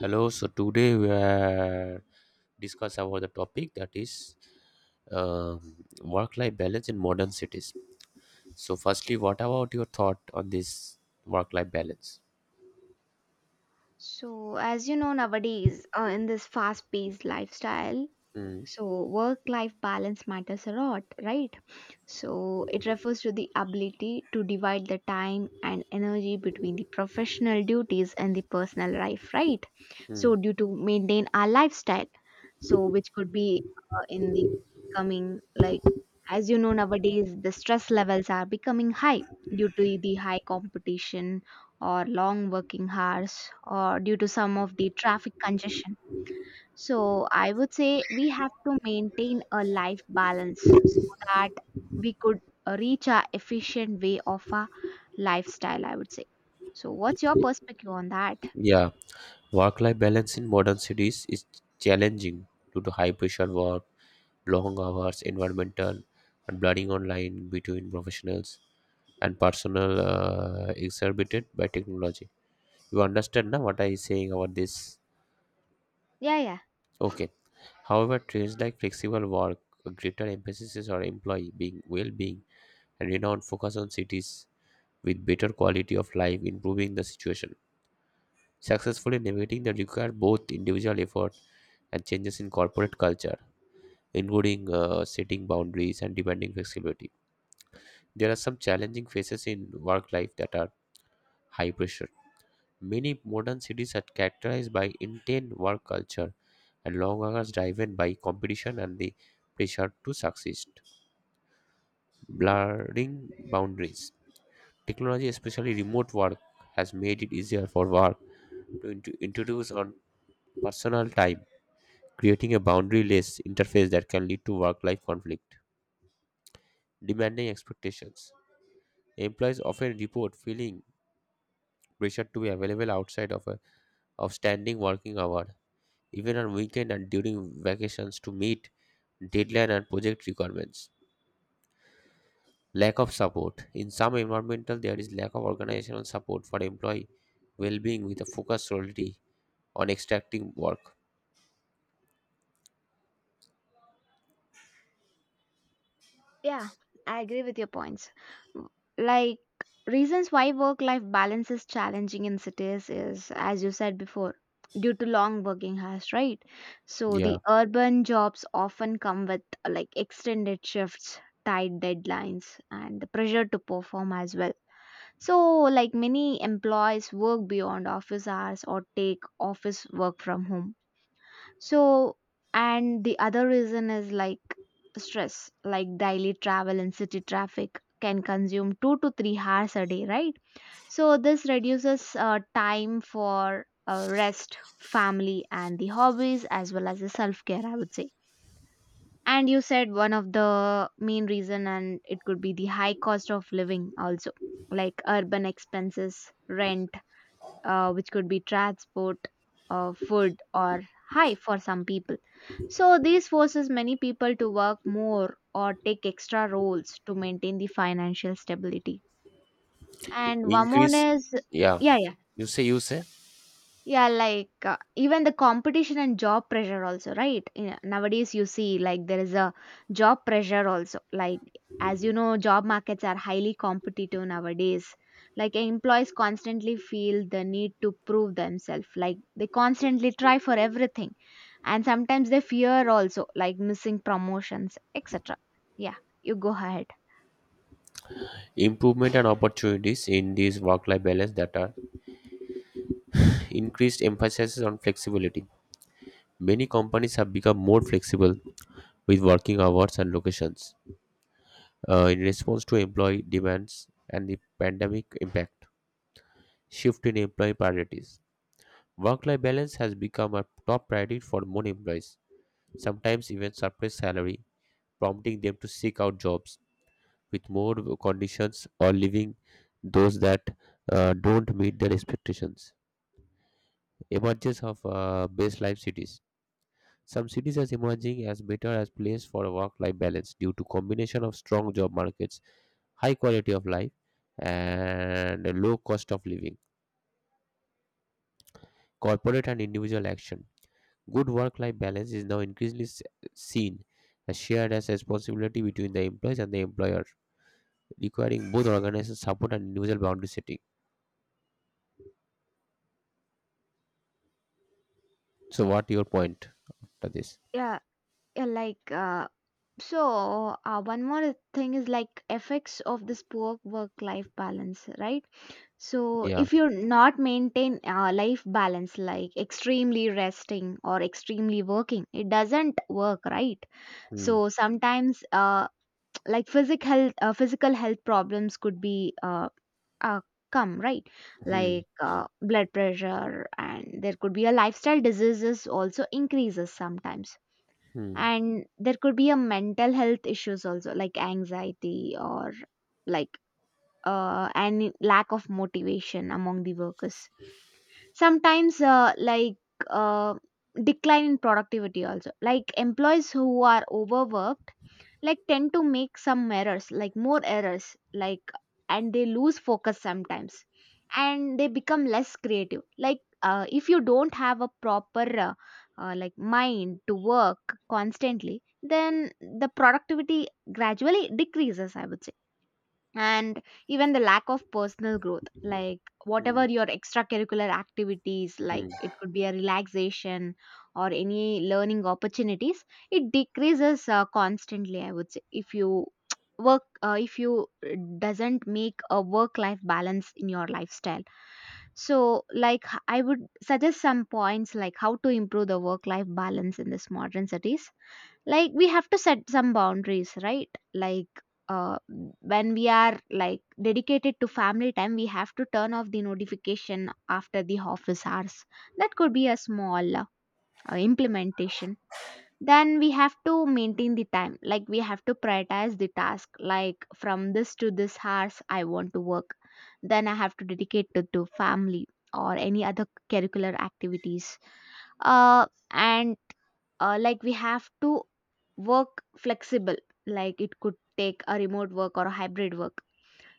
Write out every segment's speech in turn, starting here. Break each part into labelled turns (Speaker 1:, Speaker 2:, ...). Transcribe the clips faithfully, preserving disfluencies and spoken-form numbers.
Speaker 1: Hello, so today we are discuss about the topic that is um, work-life balance in modern cities. So, firstly, what about your thought on this work-life balance?
Speaker 2: So, as you know, nowadays, uh, in this fast paced lifestyle,
Speaker 1: Mm-hmm.
Speaker 2: so work life balance matters a lot, right? So, it refers to the ability to divide the time and energy between the professional duties and the personal life, right? So, due to maintain our lifestyle, so which could be uh, in the coming, like, as you know, nowadays, the stress levels are becoming high due to the high competition or long working hours or due to some of the traffic congestion. So I would say we have to maintain a life balance so that we could uh, reach a efficient way of a lifestyle, I would say. So what's your perspective on that?
Speaker 1: Yeah, work-life balance in modern cities is challenging due to high pressure work, long hours, environmental, and blurring online between professionals and personal uh, exacerbated by technology. You understand now what I is saying about this?
Speaker 2: Yeah, yeah.
Speaker 1: Okay. However, trends like flexible work, a greater emphasis is on employee being well-being, and renowned focus on cities with better quality of life improving the situation. Successfully navigating the require both individual effort and changes in corporate culture, including uh, setting boundaries and demanding flexibility. There are some challenging phases in work life that are high pressure. Many modern cities are characterized by intense work culture and long hours driven by competition and the pressure to succeed. Blurring boundaries. Technology, especially remote work, has made it easier for work to int- introduce on personal time, creating a boundaryless interface that can lead to work-life conflict, demanding expectations. Employees often report feeling pressure to be available outside of a of standing working hour, even on weekend and during vacations to meet deadline and project requirements. Lack of support. In some environmental, there is lack of organizational support for employee well-being with a focus solely on extracting work.
Speaker 2: Yeah, I agree with your points. W- Like, reasons why work life balance is challenging in cities is, as you said before, due to long working hours, right? So,
Speaker 1: Yeah.
Speaker 2: the urban jobs often come with uh, like extended shifts, tight deadlines, and the pressure to perform as well. So, like, many employees work beyond office hours or take office work from home so, and the other reason is like stress, like daily travel and city traffic can consume two to three hours a day, right? So, this reduces uh, time for uh, rest, family, and the hobbies as well as the self care, I would say. And you said one of the main reason, and it could be the high cost of living also, like urban expenses, rent, uh, which could be transport, uh, food, or high for some people. So, this forces many people to work more or take extra roles to maintain the financial stability. And one more
Speaker 1: Increase.
Speaker 2: is,
Speaker 1: Yeah.
Speaker 2: yeah, yeah.
Speaker 1: You say, you say.
Speaker 2: Yeah, like uh, even the competition and job pressure also, right? Yeah, nowadays you see like there is a job pressure also. Like as you know, job markets are highly competitive nowadays. Like employees constantly feel the need to prove themselves. Like they constantly try for everything. And sometimes they fear also like missing promotions, et cetera. Yeah, you go ahead.
Speaker 1: Improvement and opportunities in this work-life balance that are increased emphasis on flexibility. Many companies have become more flexible with working hours and locations uh, in response to employee demands and the pandemic impact. Shift in employee priorities. Work life balance has become a top priority for many employees, sometimes even suppressed salary, prompting them to seek out jobs with more conditions or leaving those that uh, don't meet their expectations. Emergence of uh, best life cities. Some cities are emerging as better as place for work-life balance due to combination of strong job markets, high quality of life, and low cost of living. Corporate and individual action. Good work life balance is now increasingly s- seen as shared as a responsibility between the employees and the employer, requiring both organizations' support and individual boundary setting. So, what your point after this?
Speaker 2: Yeah, yeah, like uh, So, uh, one more thing is like effects of this poor work-life balance, right? So,
Speaker 1: Yeah.
Speaker 2: if you're not maintain uh, life balance, like extremely resting or extremely working, it doesn't work, right?
Speaker 1: Hmm.
Speaker 2: So sometimes, uh, like physical health, uh, physical health problems could be uh, uh, come, right?
Speaker 1: Hmm.
Speaker 2: Like uh, blood pressure, and there could be a lifestyle diseases also increases sometimes
Speaker 1: Hmm.
Speaker 2: and there could be a mental health issues also like anxiety or like uh, and lack of motivation among the workers sometimes uh, like uh, decline in productivity also like employees who are overworked like tend to make some errors like more errors like and they lose focus sometimes and they become less creative like uh, if you don't have a proper uh, uh, like mind to work constantly then the productivity gradually decreases I would say and even the lack of personal growth like
Speaker 1: Hmm.
Speaker 2: whatever your extracurricular activities
Speaker 1: Hmm.
Speaker 2: like it could be a relaxation or any learning opportunities it decreases uh, constantly I would say if you work uh, if you doesn't make a work life balance in your lifestyle so like h- I would suggest some points like how to improve the work life balance in this modern cities like we have to set some boundaries right like uh, when we are like dedicated to family time we have to turn off the notification after the office hours that could be a small uh, implementation. Then we have to maintain the time like we have to prioritize the task like from this to this hours I want to work, then I have to dedicate to, to family or any other curricular activities. Uh, and uh, like we have to work flexible like it could take a remote work or a hybrid work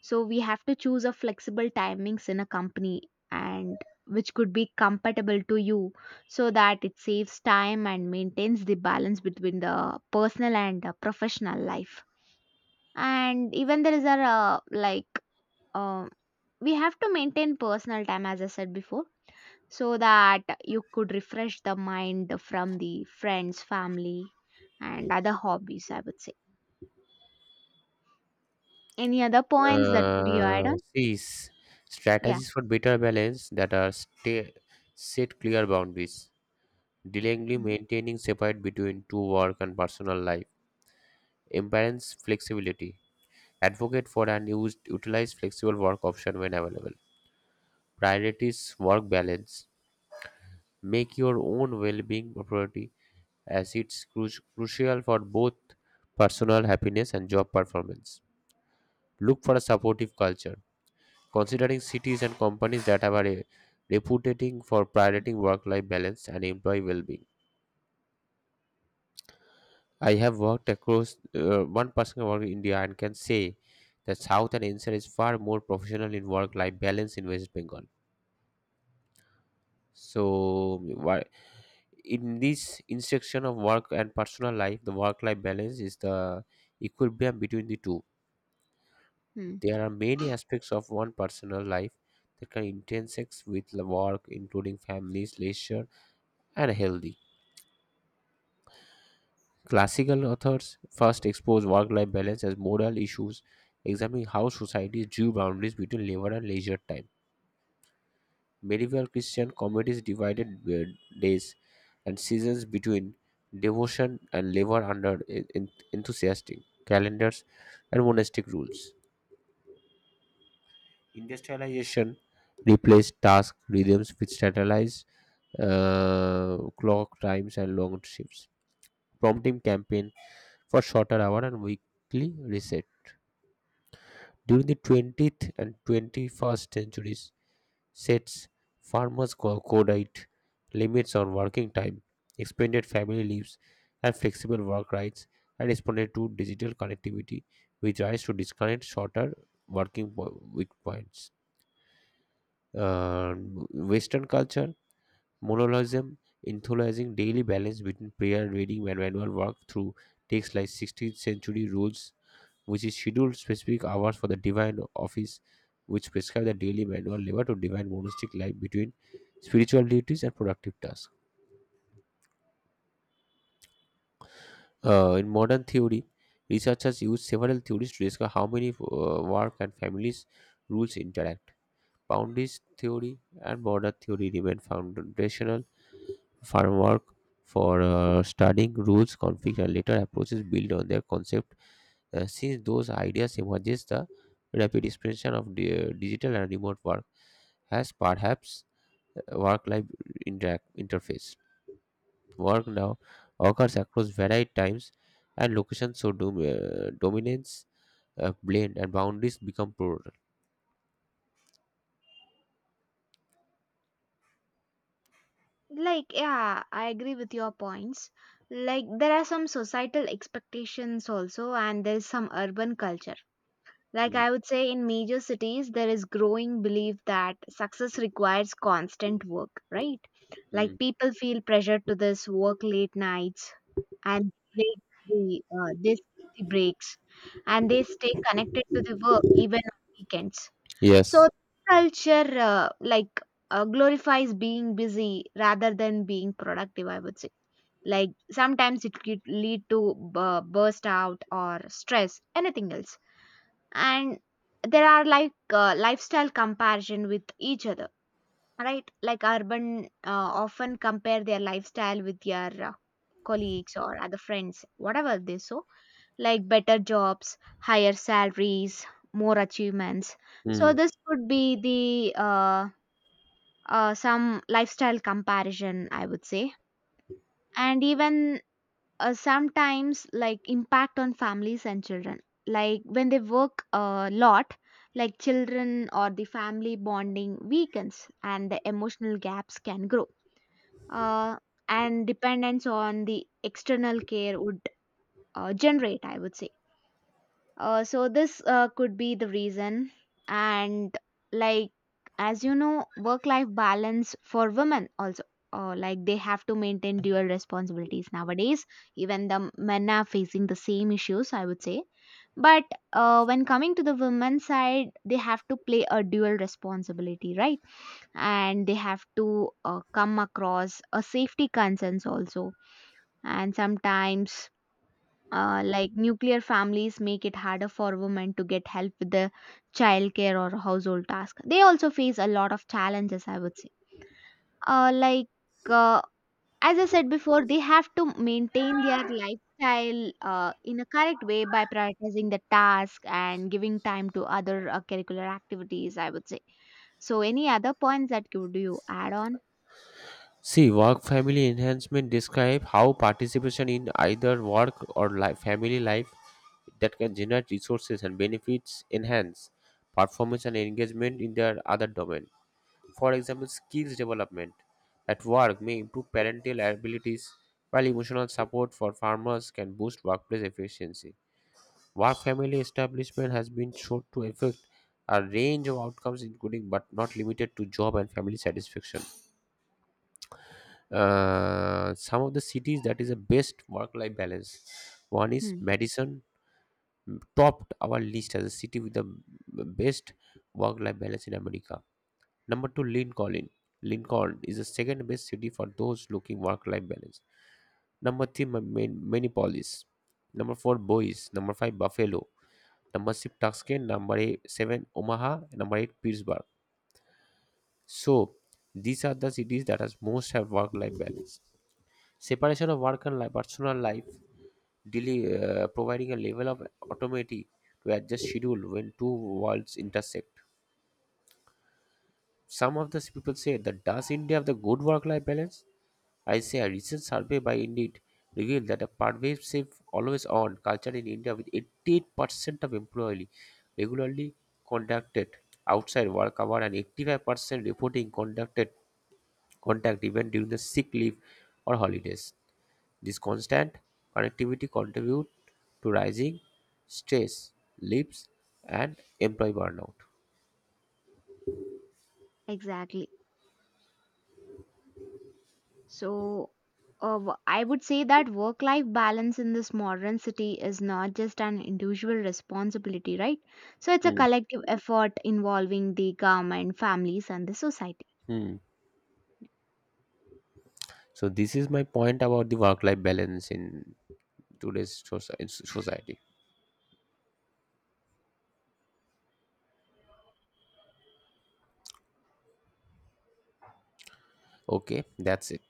Speaker 2: so we have to choose a flexible timings in a company and which could be compatible to you so that it saves time and maintains the balance between the personal and uh, professional life. And even there is a uh, like uh, we have to maintain personal time as I said before so that you could refresh the mind from the friends, family, and other hobbies, I would say. Any other points that could you add
Speaker 1: Uh,
Speaker 2: on?
Speaker 1: see, s-
Speaker 2: Yeah.
Speaker 1: strategies for better balance that are stay, set clear boundaries, diligently
Speaker 2: Mhm.
Speaker 1: maintaining separate between to work and personal life, imbalance flexibility, advocate for and use, utilize flexible work option when available. Priorities work balance. Make your own well-being a priority as it's cru- crucial for both personal happiness and job performance. Look for a supportive culture. Considering cities and companies that have a re- reputation for prioritizing work-life balance and employee well-being. I have worked across uh, one person work in India and can say that South and N C R is far more professional in work-life balance in West Bengal. So why in this intersection of work and personal life, the work-life balance is the equilibrium between the two.
Speaker 2: Hmm.
Speaker 1: There are many aspects of one personal life that can intersect with the work, including families, leisure, and healthy. Classical authors first expose work-life balance as moral issues, examining how societies drew boundaries between labor and leisure time. Medieval Christian communities divided uh, days and seasons between devotion and labor under en- en- enthusiastic calendars and monastic rules. Industrialization replaced task rhythms with standardized uh, clock times and long shifts, prompting campaign for shorter hour and weekly reset. During the twentieth and twenty-first centuries, sets, farmers' co- codite, limits on working time, expanded family leaves, and flexible work rights, and responded to digital connectivity, which rise to disconnect shorter working po- week points. Uh, Western culture, monolism, enthusiasm daily balance between prayer, reading, and manual work through texts like sixteenth century rules which is scheduled specific hours for the divine office, which prescribe the daily manual labor to divine monastic life between spiritual duties and productive tasks. Uh, in modern theory, researchers use several theories to discuss how many uh, work and families rules interact. Boundaries theory and border theory remain foundational framework for uh, studying rules, conflict, and later approaches built on their concept. Uh, since those ideas emerges, the rapid expansion of di- uh, digital and remote work has perhaps uh, work-life interact interface. Work now occurs across varied times and locations, so dom- uh, dominance, uh, blend, and boundaries become plural.
Speaker 2: Like, yeah, I agree with your points. Like, there are some societal expectations also, and there is some urban culture. Like,
Speaker 1: Mm,
Speaker 2: I would say in major cities, there is growing belief that success requires constant work, right? Like,
Speaker 1: mm.
Speaker 2: people feel pressured to this work late nights, and break the uh, they the breaks and they stay connected to the work even on weekends. So
Speaker 1: Yes.
Speaker 2: culture uh, like uh, glorifies being busy rather than being productive. I would say like sometimes it could lead to bu- burst out or stress anything else. And there are like uh, lifestyle comparison with each other, right? Like urban uh, often compare their lifestyle with their uh, colleagues or other friends whatever they so like better jobs, higher salaries, more achievements. So
Speaker 1: Mm.
Speaker 2: this could be the uh, uh, some lifestyle comparison, I would say. And even uh, sometimes like impact on families and children, like when they work a lot, like children or the family bonding weakens and the emotional gaps can grow, uh, and dependence on the external care would uh, generate, I would say. Uh, so, this uh, could be the reason. And, like, as you know, work life balance for women also. Uh, like they have to maintain dual responsibilities nowadays, even the men are facing the same issues I would say, but uh, when coming to the women's side they have to play a dual responsibility, right? And they have to uh, come across uh, safety concerns also. And sometimes uh, like nuclear families make it harder for women to get help with the childcare or household task. They also face a lot of challenges I would say. uh, like uh, as I said before they have to maintain their lifestyle uh, in a correct way by prioritizing the task and giving time to other uh, curricular activities I would say. So any other points that could you add on?
Speaker 1: See, work family enhancement describe how participation in either work or life, family life that can generate resources and benefits enhance performance and engagement in their other domain, for example skills development at work may improve parental abilities while emotional support for farmers can boost workplace efficiency. Work family establishment has been shown to affect a range of outcomes including but not limited to job and family satisfaction. Uh, some of the cities that is the best work life balance, one is
Speaker 2: Hmm,
Speaker 1: Madison, topped our list as a city with the best work-life balance in America. Number two, Lincoln. Lincoln is the second best city for those looking work-life balance. Number three, Ma- Ma- Minneapolis. Number four, Boise. Number five, Buffalo. Number six, Tucson. Number eight, seven, Omaha. Number eight, Pittsburgh. So these are the cities that has most have work-life balance. Separation of work and life, personal life, daily, uh, providing a level of autonomy to adjust schedule when two worlds intersect. Some of the people say that does India have the good work-life balance? I say a recent survey by Indeed revealed that a pervasive always-on culture in India with eighty-eight percent of employees regularly conducted outside work hour and eighty-five percent reporting conducted contact even during the sick leave or holidays. This constant connectivity contributes to rising stress, leaps, and employee burnout.
Speaker 2: exactly. So, uh, w- I would say that work life balance in this modern city is not just an individual responsibility, right? So, it's a
Speaker 1: Hmm.
Speaker 2: collective effort involving the government, families, and the society.
Speaker 1: Hmm. So this is my point about the work-life balance in today's soci- in society. Okay, that's it.